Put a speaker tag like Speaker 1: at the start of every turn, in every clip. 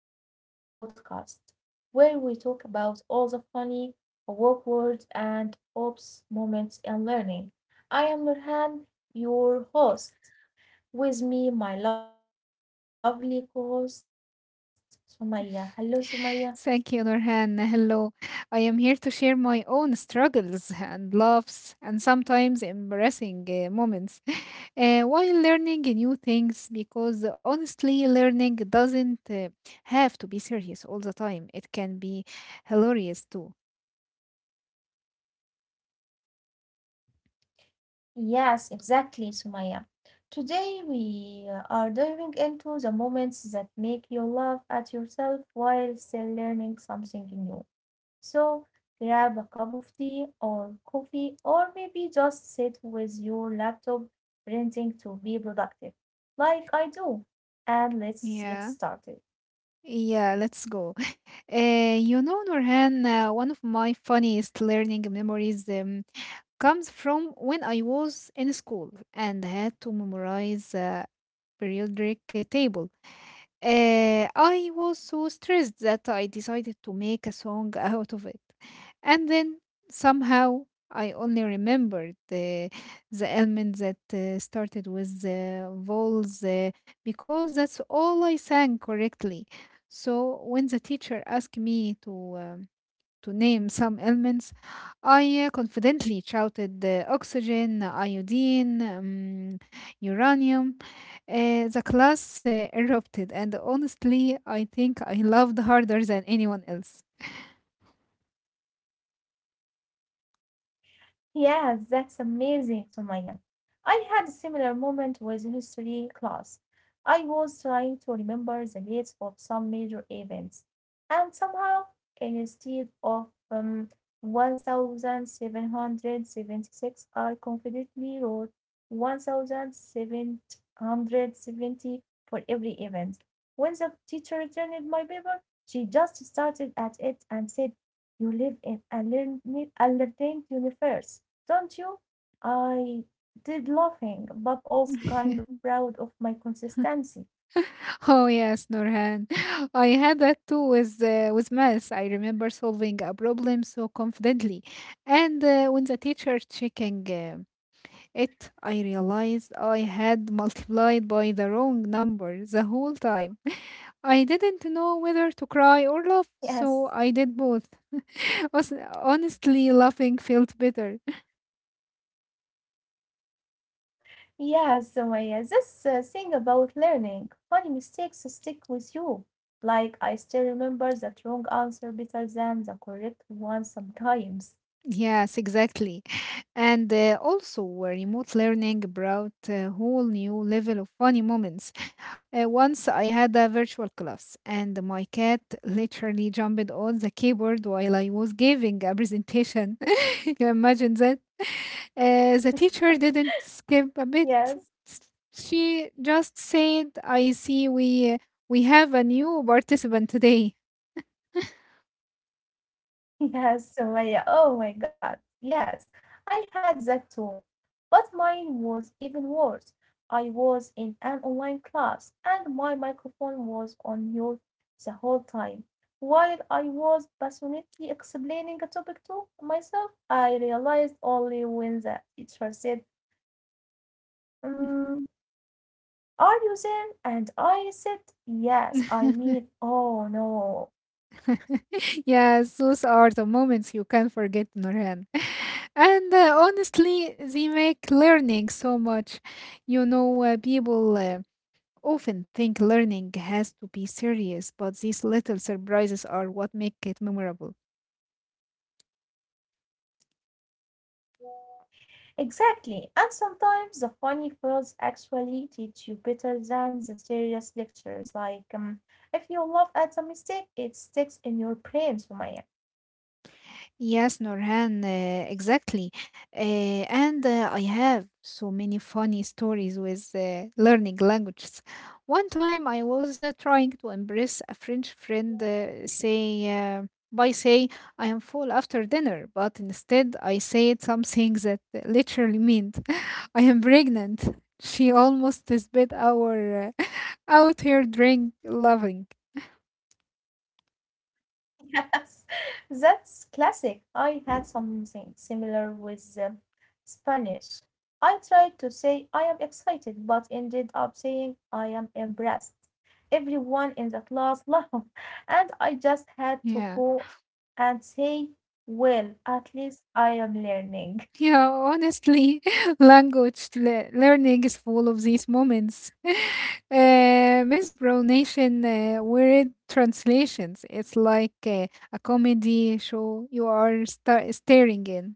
Speaker 1: to our podcast where we talk about all the funny, awkward, and ops moments in learning. I am Nurhan, your host. With me, my lovely co host, Sumaya. Hello, Sumaya.
Speaker 2: Thank you, Nurhan. Hello. I am here to share my own struggles and laughs and sometimes embarrassing moments while learning new things because honestly, learning doesn't have to be serious all the time. It can be hilarious too.
Speaker 1: Yes, exactly, Sumaya. Today, we are diving into the moments that make you laugh at yourself while still learning something new. So grab a cup of tea or coffee, or maybe just sit with your laptop printing to be productive, like I do. And let's get
Speaker 2: Yeah.
Speaker 1: started.
Speaker 2: Yeah, let's go. Nurhan, one of my funniest learning memories comes from when I was in school and had to memorize. Periodic table. I was so stressed that I decided to make a song out of it. And then somehow I only remembered the element that started with the vowels because that's all I sang correctly. So when the teacher asked me to name some elements, I confidently shouted the oxygen, iodine, uranium. The class erupted, and honestly, I think I loved harder than anyone else.
Speaker 1: Yes, that's amazing, Sumaya. I had a similar moment with history class. I was trying to remember the dates of some major events, and somehow, instead of 1776, I confidently wrote 1770 for every event. When the teacher returned my paper, she just started at it and said, you live in a learned, a universe, don't you? I did laughing, but also kind of proud of my consistency.
Speaker 2: Oh yes, Norhan. I had that too with math. I remember solving a problem so confidently, and when the teacher checking it, I realized I had multiplied by the wrong number the whole time. I didn't know whether to cry or laugh, so
Speaker 1: Yes,
Speaker 2: I did both. Honestly, laughing felt better.
Speaker 1: yes, Sumaya, this thing about learning, funny mistakes stick with you. Like, I still remember that wrong answer better than the correct one sometimes.
Speaker 2: Yes, exactly. And also, remote learning brought a whole new level of funny moments. Once I had a virtual class, and my cat literally jumped on the keyboard while I was giving a presentation. You imagine that? The teacher didn't skip a bit.
Speaker 1: Yes.
Speaker 2: S- She just said, "I see we have a new participant today."
Speaker 1: Yes, Sumaya. Oh my God. Yes, I had that too. But mine was even worse. I was in an online class and my microphone was on mute the whole time. While I was passionately explaining a topic to myself, I realized only when the teacher said, mm, Are you there? And I said, Yes. I mean, oh no.
Speaker 2: Yes, those are the moments you can't forget, Norhan. And honestly, they make learning so much. People often think learning has to be serious, but these little surprises are what make it memorable.
Speaker 1: Exactly. And sometimes the funny fills actually teach you better than the serious lectures. Like, if you laugh at a mistake, it sticks in your brain, Sumaya.
Speaker 2: Yes, Norhan, exactly. And I have so many funny stories with learning languages. One time I was trying to impress a French friend, uh, by say, I am full after dinner, but instead I said something that literally meant, I am pregnant. She almost spit our out her drink loving.
Speaker 1: Yes, that's classic. I had something similar with Spanish. I tried to say I am excited, but ended up saying I am impressed. Everyone in the class laughed, and I just had to
Speaker 2: Yeah.
Speaker 1: pause and say, well, at least I am learning.
Speaker 2: Yeah, honestly, language learning is full of these moments. Mispronation, weird translations. It's like a comedy show you are staring in.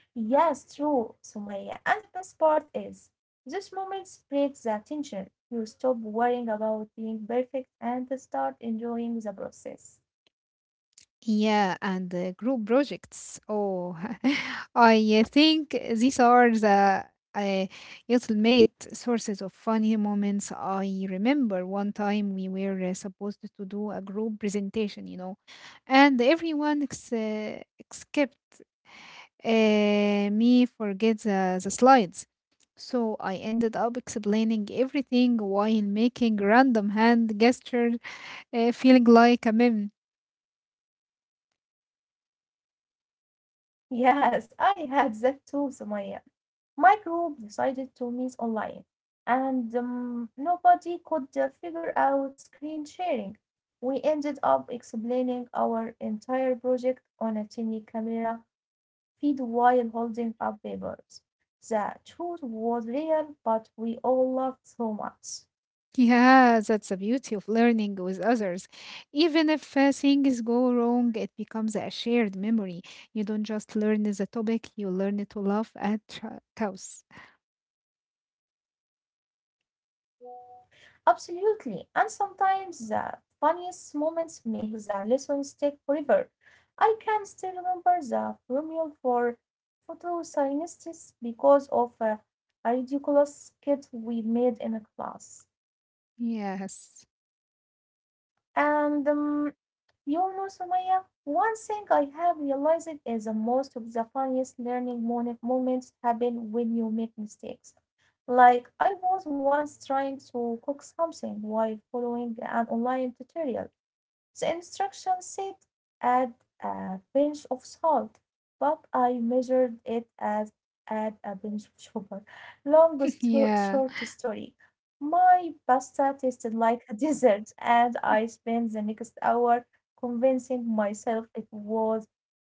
Speaker 1: Yes, true, Sumaya. And the best part is, this moment breaks the tension. You stop worrying about being perfect and start enjoying the process.
Speaker 2: Yeah, and the group projects. Oh, I think these are the uh, ultimate sources of funny moments. I remember one time we were supposed to do a group presentation, you know, and everyone except uh, me forget the slides. So I ended up explaining everything while making random hand gestures, feeling like a meme.
Speaker 1: Yes, I had that too, Sumaya. My group decided to meet online, and nobody could figure out screen sharing. We ended up explaining our entire project on a tiny camera feet while holding up papers. The truth was real, but we all laughed so much.
Speaker 2: Yeah, that's the beauty of learning with others. Even if things go wrong, it becomes a shared memory. You don't just learn the topic, you learn to laugh at chaos.
Speaker 1: Absolutely. And sometimes the funniest moments make the lesson stick forever. I can still remember the formula for photosynthesis because of a ridiculous skit we made in a class.
Speaker 2: Yes.
Speaker 1: And, Sumaya, one thing I have realized is that most of the funniest learning moments happen when you make mistakes. Like, I was once trying to cook something while following an online tutorial. The instructions said add a pinch of salt, but I measured it as add a pinch of sugar. Long
Speaker 2: Yeah.
Speaker 1: short story. My pasta tasted like a dessert, and I spent the next hour convincing myself it was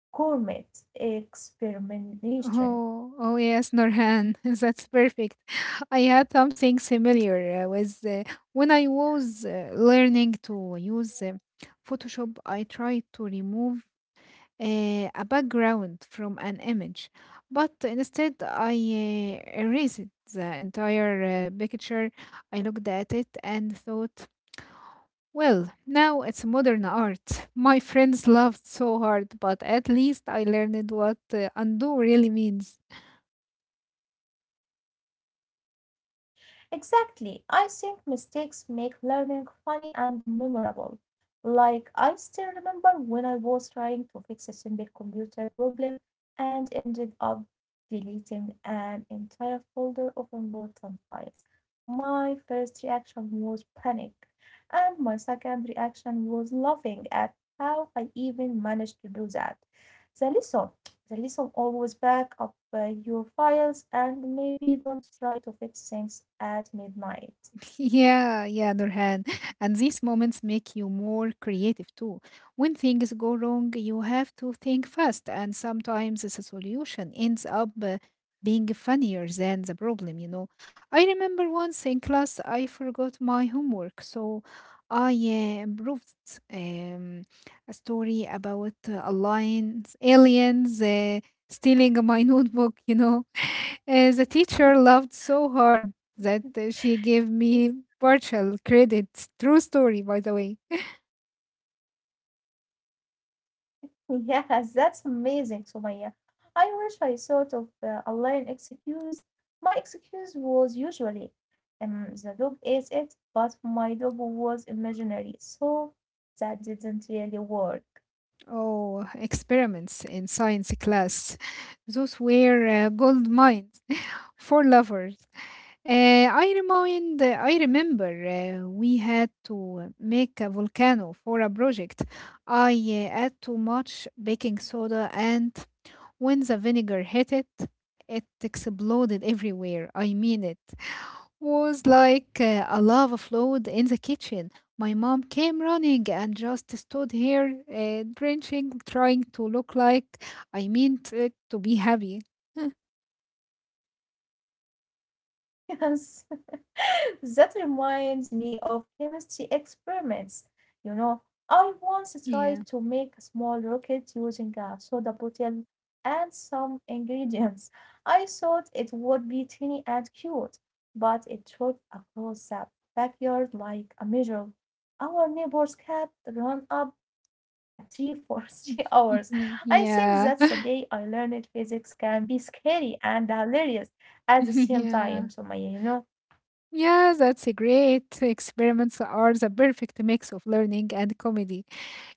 Speaker 1: gourmet experimentation.
Speaker 2: Oh, oh yes, Norhan. That's perfect. I had something similar with when I was learning to use Photoshop, I tried to remove uh, a background from an image, but instead I erased the entire picture. I looked at it and thought, well, now it's modern art. My friends laughed so hard, but at least I learned what undo really means.
Speaker 1: Exactly. I think mistakes make learning funny and memorable. Like, I still remember when I was trying to fix a simple computer problem and ended up deleting an entire folder of important files. My first reaction was panic, and my second reaction was laughing at how I even managed to do that. The lesson always back up your files and maybe don't try to fix things at midnight.
Speaker 2: Yeah, yeah, Nurhan. And these moments make you more creative too. When things go wrong, you have to think fast, and sometimes the solution ends up being funnier than the problem, you know. I remember once in class I forgot my homework, so I improved um, a story about aliens stealing my notebook, you know. The teacher laughed so hard that she gave me partial credit. True story, by the way.
Speaker 1: Yes, that's amazing, Sumaya. I wish I thought of a line excuse. My excuse was usually, the dog ate it, but my dog was imaginary, so that didn't really work.
Speaker 2: Oh, experiments in science class. Those were gold mines for lovers. I remember we had to make a volcano for a project. I add too much baking soda, and when the vinegar hit it, it exploded everywhere. I mean it. Was like a lava flood in the kitchen. My mom came running and just stood here, drenching, trying to look like I meant it to be happy.
Speaker 1: Yes, that reminds me of chemistry experiments. You know, I once
Speaker 2: Yeah.
Speaker 1: tried to make a small rocket using a soda bottle and some ingredients. I thought it would be tiny and cute, but it shot across the backyard like a missile. Our neighbor's cat ran up at 3 for 3 hours. I think
Speaker 2: Yeah.
Speaker 1: that's the day I learned physics can be scary and hilarious at the same
Speaker 2: Yeah.
Speaker 1: time. So, my, you know,
Speaker 2: Yeah, that's a great. Experiments are the perfect mix of learning and comedy.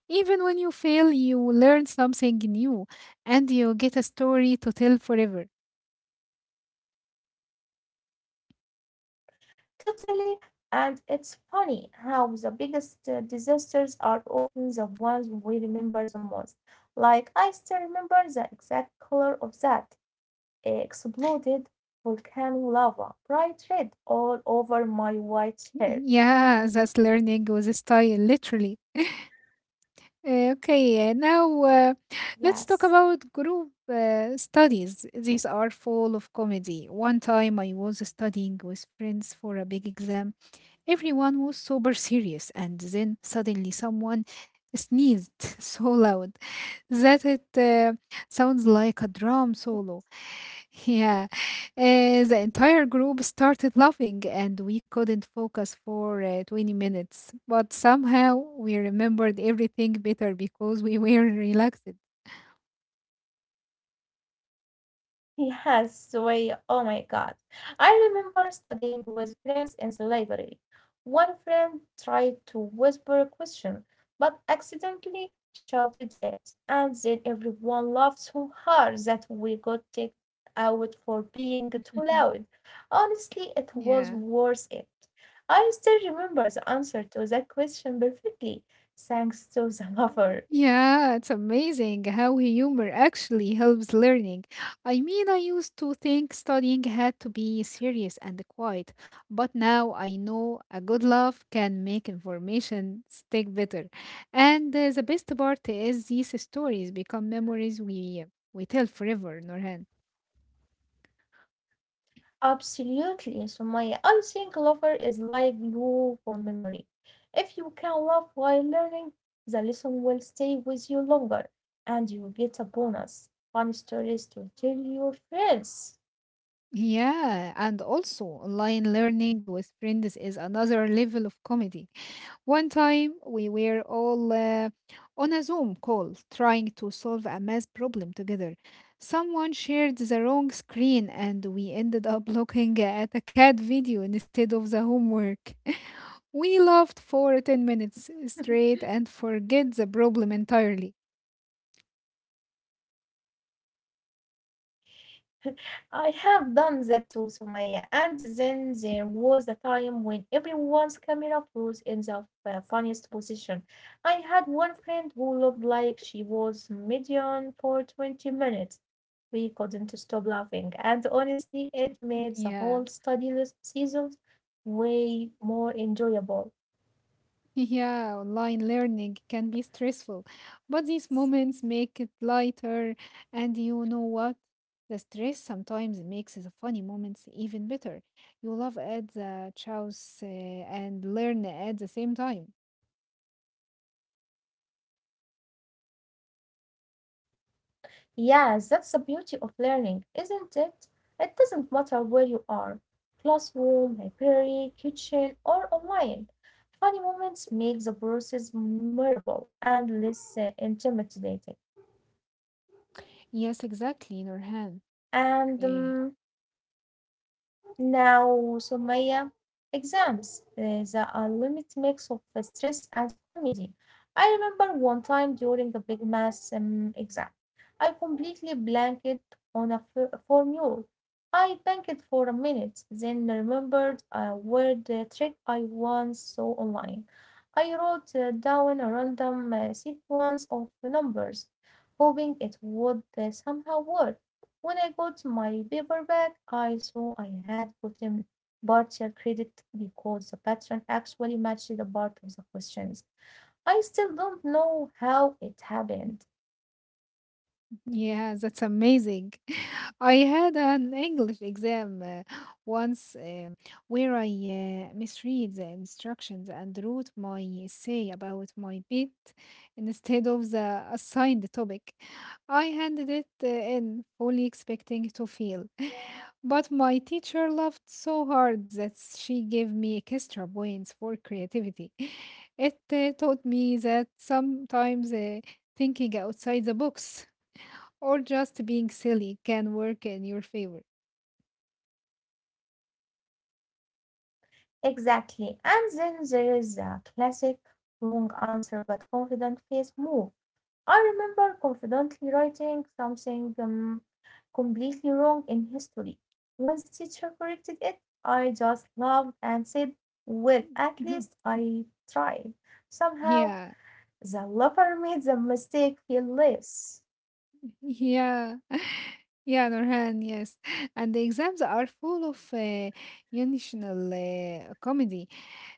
Speaker 2: Even when you fail, you learn something new and you get a story to tell forever.
Speaker 1: totally. And it's funny how the biggest disasters are often the ones we remember the most. Like, I still remember the exact color of that exploded volcano lava, bright red all over my white shirt.
Speaker 2: Yeah, that's learning with style, literally. Okay, now let's talk
Speaker 1: Yes.
Speaker 2: about group studies. These are full of comedy. One time I was studying with friends for a big exam. Everyone was super serious, and then suddenly someone sneezed so loud that it sounds like a drum solo. Yeah, the entire group started laughing, and we couldn't focus for 20 minutes. But somehow we remembered everything better because we were relaxed.
Speaker 1: Yes, way. Oh my God. I remember studying with friends in the library. One friend tried to whisper a question, but accidentally shouted it, and then everyone laughed so hard that we got kicked out for being too loud. Honestly, it was
Speaker 2: Yeah.
Speaker 1: worth it. I still remember the answer to that question perfectly, thanks to the lover.
Speaker 2: Yeah, it's amazing how humor actually helps learning. I mean, I used to think studying had to be serious and quiet, but now I know a good laugh can make information stick better. And the best part is these stories become memories we tell forever, Norhan.
Speaker 1: Absolutely, Sumaya. I think lover is like glue for memory. If you can laugh while learning, the lesson will stay with you longer, and you get a bonus. Fun stories to tell your friends.
Speaker 2: Yeah, and also online learning with friends is another level of comedy. One time we were all on a Zoom call trying to solve a math problem together. Someone shared the wrong screen and we ended up looking at a cat video instead of the homework. We laughed for 10 minutes straight and forget the problem entirely.
Speaker 1: I have done that too, Sumaya. And then there was a time when everyone's camera froze in the funniest position. I had one friend who looked like she was medium for 20 minutes. We couldn't stop laughing, and honestly, it made the
Speaker 2: Yeah.
Speaker 1: whole study list season way more enjoyable.
Speaker 2: Yeah, online learning can be stressful, but these moments make it lighter. And you know what? The stress sometimes makes the funny moments even better. You laugh at the chaos and learn at the same time.
Speaker 1: Yes, that's the beauty of learning, isn't it? It doesn't matter where you are classroom, library, kitchen, or online. Funny moments make the process memorable and less intimidating.
Speaker 2: Yes, exactly, Nurhan.
Speaker 1: And
Speaker 2: Eh,
Speaker 1: now, Sumaya, exams, the unlimited mix of stress and comedy. I remember one time during a big math exam, I completely blanked on a formula. I blanked for a minute, then remembered a word trick I once saw online. I wrote down a random sequence of numbers, hoping it would somehow work. When I got my paper back, I saw I had gotten partial credit because the pattern actually matched the part of the questions. I still don't know how it happened.
Speaker 2: Yeah, that's amazing. I had an English exam once where I misread the instructions and wrote my essay about my pet instead of the assigned topic. I handed it in fully expecting to fail, but my teacher laughed so hard that she gave me extra points for creativity. It taught me that sometimes thinking outside the box or just being silly can work in your favor.
Speaker 1: Exactly. And then there is the classic wrong answer but confident face move. I remember confidently writing something completely wrong in history. When the teacher corrected it, I just laughed and said, well, at least I tried. Somehow,
Speaker 2: Yeah,
Speaker 1: the lover made the mistake feel less.
Speaker 2: yeah, yeah, Nurhan, yes. And the exams are full of unintentional comedy,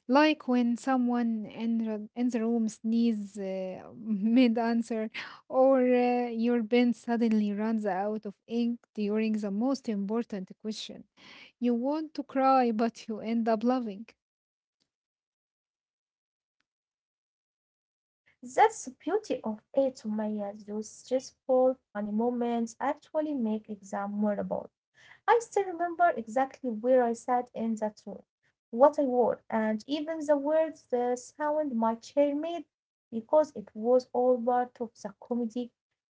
Speaker 2: like when someone in, in the room sneezes mid-answer, or your pen suddenly runs out of ink during the most important question. You want to cry, but you end up laughing.
Speaker 1: That's the beauty of it, Umayyad. Those stressful, funny moments actually make exam memorable. I still remember exactly where I sat in that room, what I wore, and even the words, the sound my chair made, because it was all part of the comedy,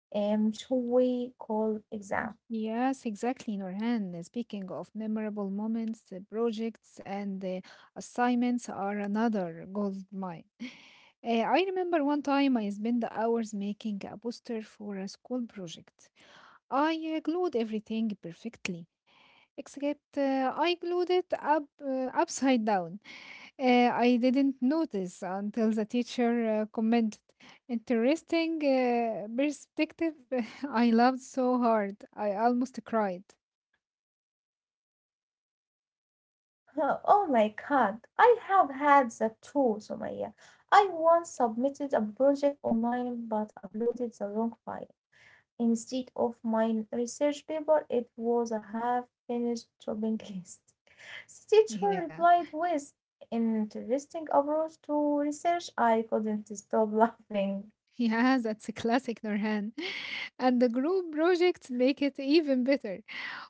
Speaker 1: should we call exam.
Speaker 2: Yes, exactly, Norhan. Speaking of memorable moments, projects and assignments are another gold mine. I remember one time I spent the hours making a poster for a school project. I glued everything perfectly except I glued it up upside down. I didn't notice until the teacher commented. Interesting perspective. I loved so hard. I almost cried.
Speaker 1: Oh my God, I have had that too, Somaya. I once submitted a project online but uploaded the wrong file. Instead of my research paper, it was a half finished shopping list. The teacher
Speaker 2: Yeah.
Speaker 1: replied with an interesting approach to research. I couldn't stop laughing.
Speaker 2: Yeah, that's a classic Nurhan. And the group projects make it even better.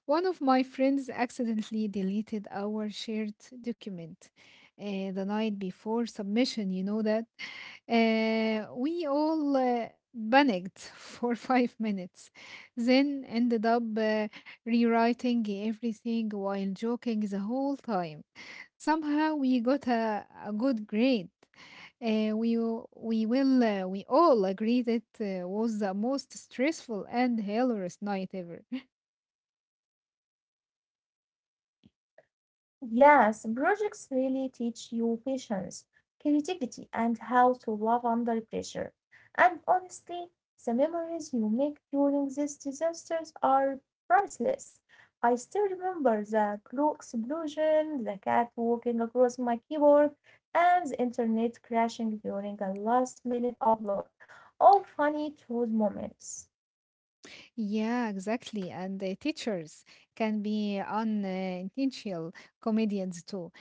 Speaker 2: One of my friends accidentally deleted our shared document the night before submission, you know that. We all panicked for 5 minutes, then ended up rewriting everything while joking the whole time. Somehow we got a good grade. We w- we will We all agreed it was the most stressful and hilarious night ever.
Speaker 1: Yes, projects really teach you patience, creativity, and how to love under pressure. And honestly, the memories you make during these disasters are priceless. I still remember the glue explosion, the cat walking across my keyboard, and the internet crashing during a last minute upload. All funny, true moments.
Speaker 2: Yeah, exactly. And the teachers can be unintentional comedians too.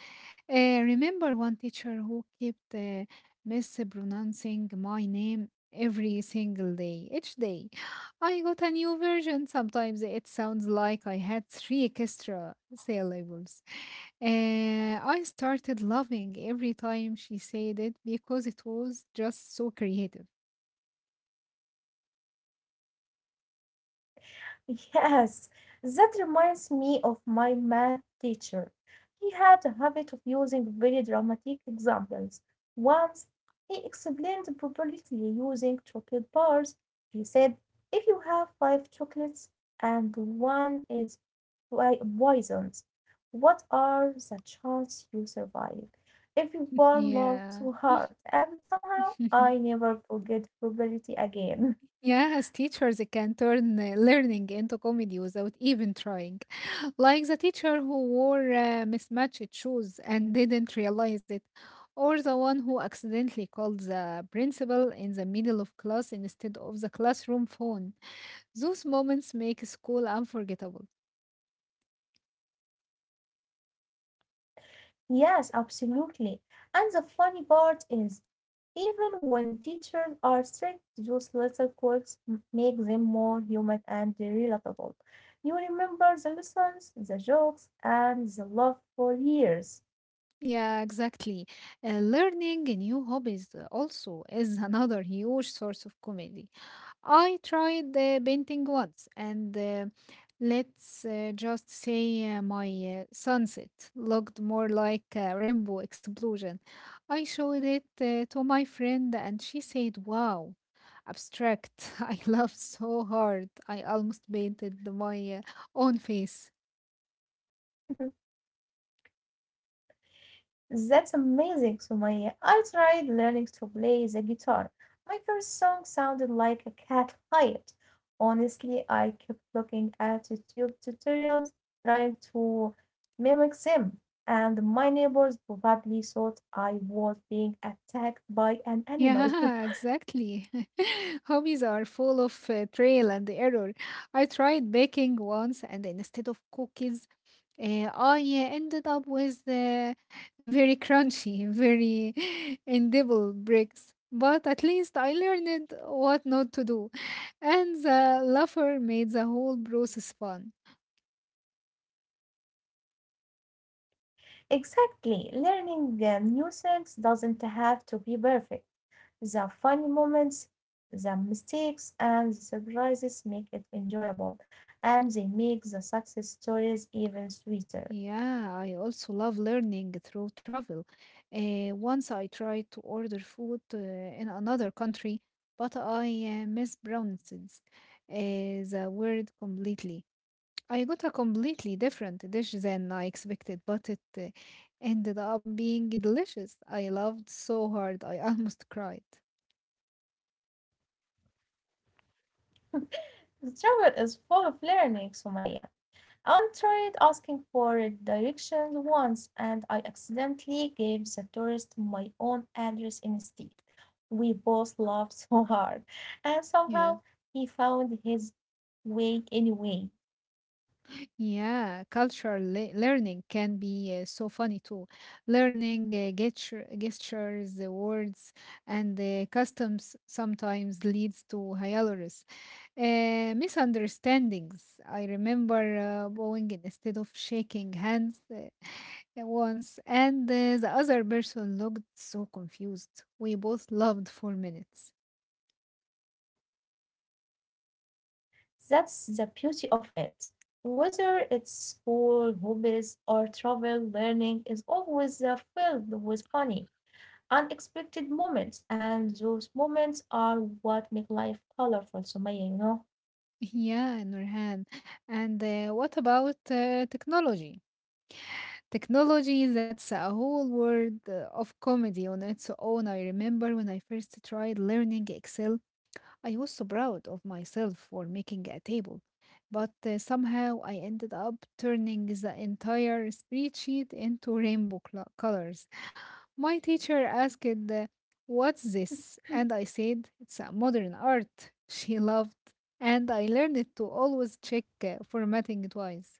Speaker 2: Remember one teacher who kept mispronouncing my name every single day, each day. I got a new version. Sometimes it sounds like I had 3 extra syllables. I started loving every time she said it because it was just so creative.
Speaker 1: Yes, that reminds me of my math teacher. He had a habit of using very dramatic examples. Once he explained probability using chocolate bars. He said, if you have five chocolates and one is poisoned, what are the chances you survive? Everyone you one love
Speaker 2: Yeah.
Speaker 1: too hard, and somehow I never forget probability again.
Speaker 2: Yes, teachers can turn learning into comedy without even trying. Like the teacher who wore mismatched shoes and didn't realize it, or the one who accidentally called the principal in the middle of class instead of the classroom phone. Those moments make school unforgettable.
Speaker 1: Yes, absolutely. And the funny part is, even when teachers are strict, those little quirks make them more human and relatable. You remember the lessons, the jokes, and the love for years.
Speaker 2: Yeah, exactly. Learning new hobbies also is another huge source of comedy. I tried the painting once, and let's just say my sunset looked more like a rainbow explosion. I showed it to my friend, and she said, Wow, abstract. I laughed so hard. I almost painted my own face.
Speaker 1: That's amazing, Sumaya. I tried learning to play the guitar. My first song sounded like a cat fight. Honestly, I kept looking at YouTube tutorials, trying to mimic them, and my neighbors probably thought I was being attacked by an
Speaker 2: Yeah,
Speaker 1: animal.
Speaker 2: exactly. Hobbies are full of trail and error. I tried baking once, and instead of cookies, I ended up with very crunchy, very edible bricks. But at least I learned what not to do, and the laughter made the whole process fun.
Speaker 1: Exactly. Learning new things doesn't have to be perfect. The funny moments, the mistakes, and the surprises make it enjoyable, and they make the success stories even sweeter.
Speaker 2: Yeah, I also love learning through travel. Once I tried to order food in another country, but I mispronunced the word completely. I got a completely different dish than I expected, but it ended up being delicious. I loved so hard, I almost cried.
Speaker 1: The travel is full of learning, Sumaya. I tried asking for directions once, and I accidentally gave the tourist my own address instead. We both laughed so hard, and somehow
Speaker 2: Yeah.
Speaker 1: he found his way anyway.
Speaker 2: Yeah, learning can be so funny too. Learning gestures, the words, and the customs sometimes leads to hilarious misunderstandings. I remember bowing instead of shaking hands at once, and the other person looked so confused. We both laughed for minutes.
Speaker 1: That's the beauty of it. Whether it's school, hobbies, or travel, learning is always filled with funny, unexpected moments, and those moments are what make life colorful, Sumaya, you know?
Speaker 2: Yeah, Nurhan. And what about technology? Technology, that's a whole world of comedy on its own. I remember when I first tried learning Excel. I was so proud of myself for making a table. But somehow I ended up turning the entire spreadsheet into colors. My teacher asked, What's this? And I said, It's a modern art. She laughed, and I learned to always check formatting twice.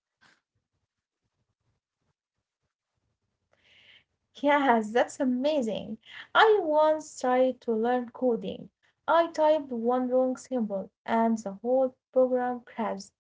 Speaker 1: Yes, that's amazing. I once tried to learn coding. I typed one wrong symbol, and the whole program crashed.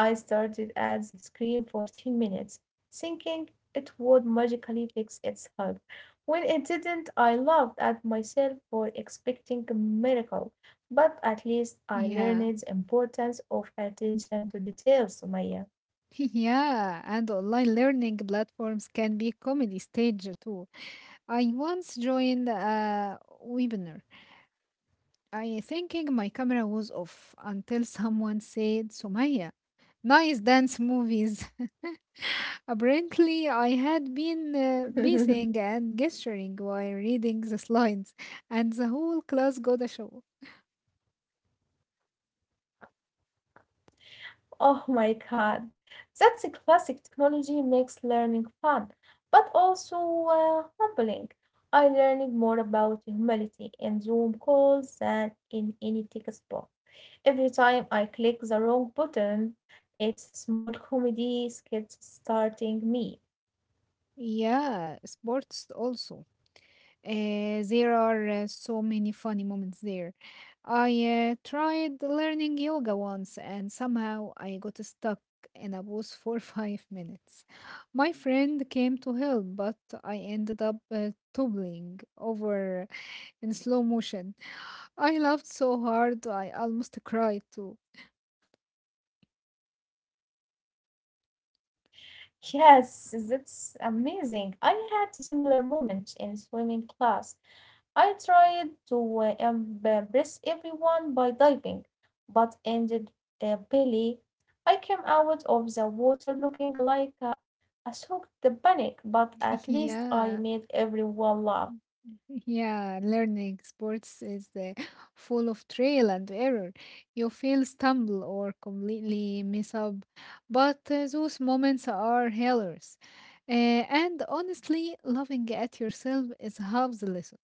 Speaker 1: I started at the screen for 10 minutes, thinking it would magically fix itself. When it didn't, I laughed at myself for expecting a miracle, but at least I learned
Speaker 2: Yeah.
Speaker 1: the importance of attention to details, Sumaya.
Speaker 2: Yeah, and online learning platforms can be comedy stage too. I once joined a webinar, I thinking my camera was off until someone said, Sumaya, nice dance movies. Apparently, I had been pacing and gesturing while reading the slides, and the whole class got a show.
Speaker 1: Oh my God, that's a classic technology makes learning fun, but also humbling. I learned more about humility in Zoom calls than in any textbook. Every time I click the wrong button, it's a small comedy skit starting me.
Speaker 2: Yeah, sports also. There are so many funny moments there. I tried learning yoga once, and somehow I got stuck in a pose for 5 minutes. My friend came to help, but I ended up toppling over in slow motion. I laughed so hard I almost cried too.
Speaker 1: Yes, that's amazing. I had a similar moment in swimming class. I tried to embarrass everyone by diving, but ended belly. I came out of the water looking like a soaked panic, but at least I
Speaker 2: Yeah.
Speaker 1: made everyone laugh.
Speaker 2: Yeah, learning sports is full of trial and error. You feel stumble or completely miss up, but those moments are hilarious. Uh, and honestly, laughing at yourself is half the lesson.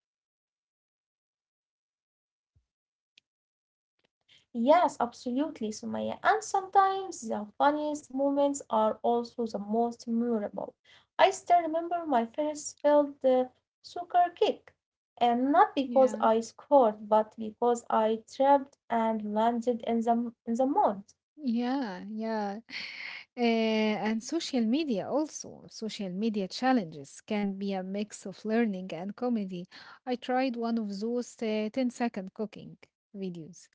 Speaker 1: Yes, absolutely, Sumaya. And sometimes the funniest moments are also the most memorable. I still remember my first failed soccer kick, and not because
Speaker 2: Yeah.
Speaker 1: I scored, but because I tripped and landed in the mud.
Speaker 2: Yeah, yeah. And social media also. Social media challenges can be a mix of learning and comedy. I tried one of those 10-second cooking videos.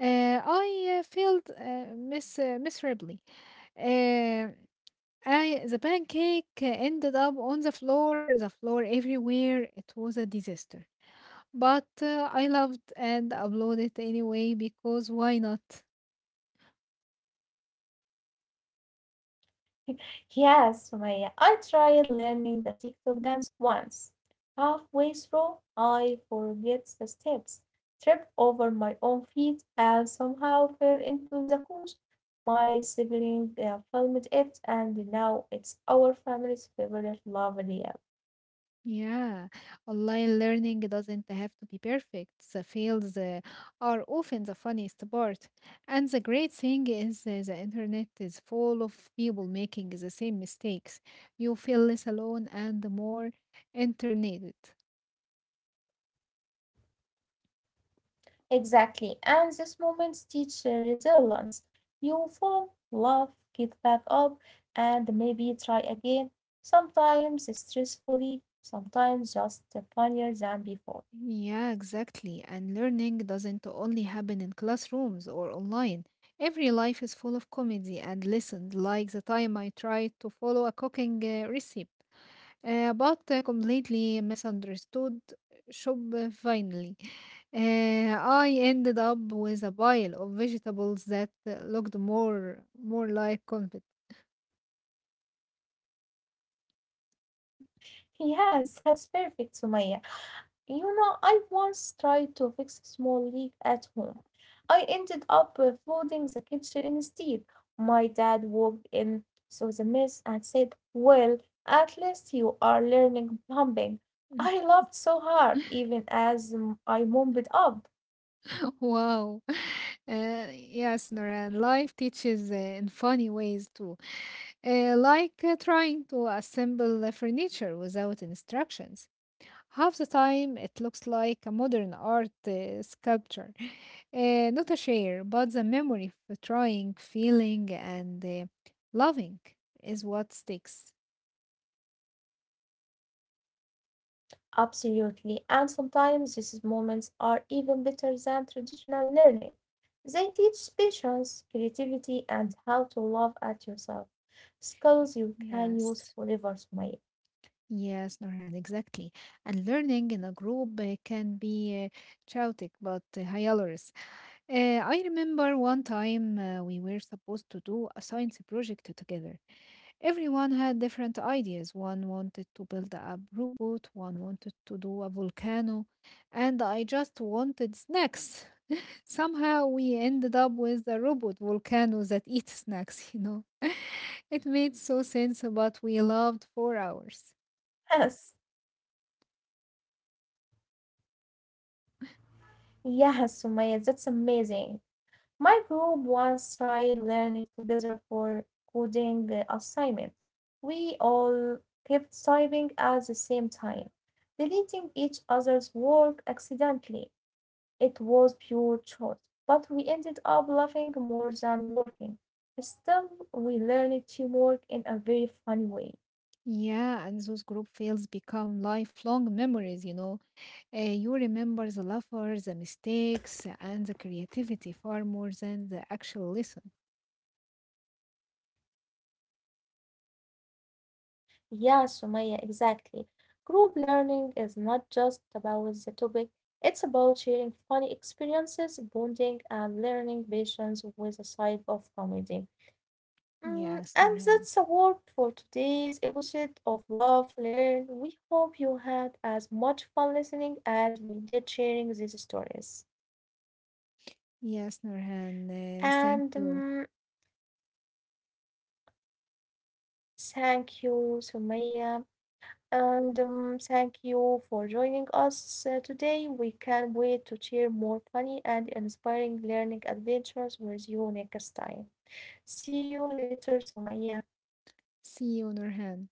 Speaker 2: I failed miss miserably. Uh, I the pancake ended up on the floor everywhere. It was a disaster. But I loved and uploaded anyway because why not?
Speaker 1: Yes, Sumaya, I tried learning a TikTok dance once. Halfway through, I forget the steps, tripped over my own feet, and somehow fell into the couch. My sibling filmed it, and now it's our family's favorite lovely app.
Speaker 2: Yeah, online learning doesn't have to be perfect. The fails are often the funniest part. And the great thing is the internet is full of people making the same mistakes. You feel less alone and more internet.
Speaker 1: Exactly. And these moments teach resilience. You fall, laugh, get back up, and maybe try again. Sometimes stressfully, sometimes just funnier than before.
Speaker 2: Yeah, exactly. And learning doesn't only happen in classrooms or online. Every life is full of comedy and lessons, like the time I tried to follow a cooking recipe. About completely misunderstood shop finally. I ended up with a pile of vegetables that looked more like confit.
Speaker 1: Yes, that's perfect, Sumaya. You know, I once tried to fix a small leak at home. I ended up flooding the kitchen instead. My dad walked in, saw the mess, and said, well, at least you are learning plumbing. I laughed so hard, even as I mumbled up.
Speaker 2: Wow. Yes, Noran, life teaches in funny ways too. Like trying to assemble the furniture without instructions. Half the time, it looks like a modern art sculpture. Not a share, but the memory of trying, feeling, and loving is what sticks.
Speaker 1: Absolutely. And sometimes these moments are even better than traditional learning. They teach patience, creativity, and how to laugh at yourself. Skills you can use
Speaker 2: Yes.
Speaker 1: forever, Sumaya.
Speaker 2: Yes, Norhan, exactly. And learning in a group can be chaotic but hilarious. I remember one time we were supposed to do a science project together. Everyone had different ideas. One wanted to build a robot, one wanted to do a volcano, and I just wanted snacks. Somehow we ended up with a robot volcano that eats snacks, you know. It made so sense, but we loved 4 hours.
Speaker 1: Yes. Yes, Sumaya, that's amazing. My group once tried learning together for coding assignment. We all kept typing at the same time, deleting each other's work accidentally. It was pure chance, but we ended up laughing more than working. Still, we learned teamwork in a very funny way.
Speaker 2: Yeah, and those group fails become lifelong memories, you know. You remember the laughter, the mistakes, and the creativity far more than the actual lesson.
Speaker 1: Yeah, Sumaya, exactly. Group learning is not just about the topic, it's about sharing funny experiences, bonding, and learning patience with a side of comedy. Mm,
Speaker 2: Yes,
Speaker 1: and
Speaker 2: Nurhan.
Speaker 1: that's a word for today's episode of Love Learn. We hope you had as much fun listening as we did sharing these stories.
Speaker 2: Yes, Nurhan. Thank
Speaker 1: And
Speaker 2: you.
Speaker 1: thank you, Sumaya. And thank you for joining us today. We can't wait to share more funny and inspiring learning adventures with you next time. See you later, Sumaya.
Speaker 2: See you, Nurhan.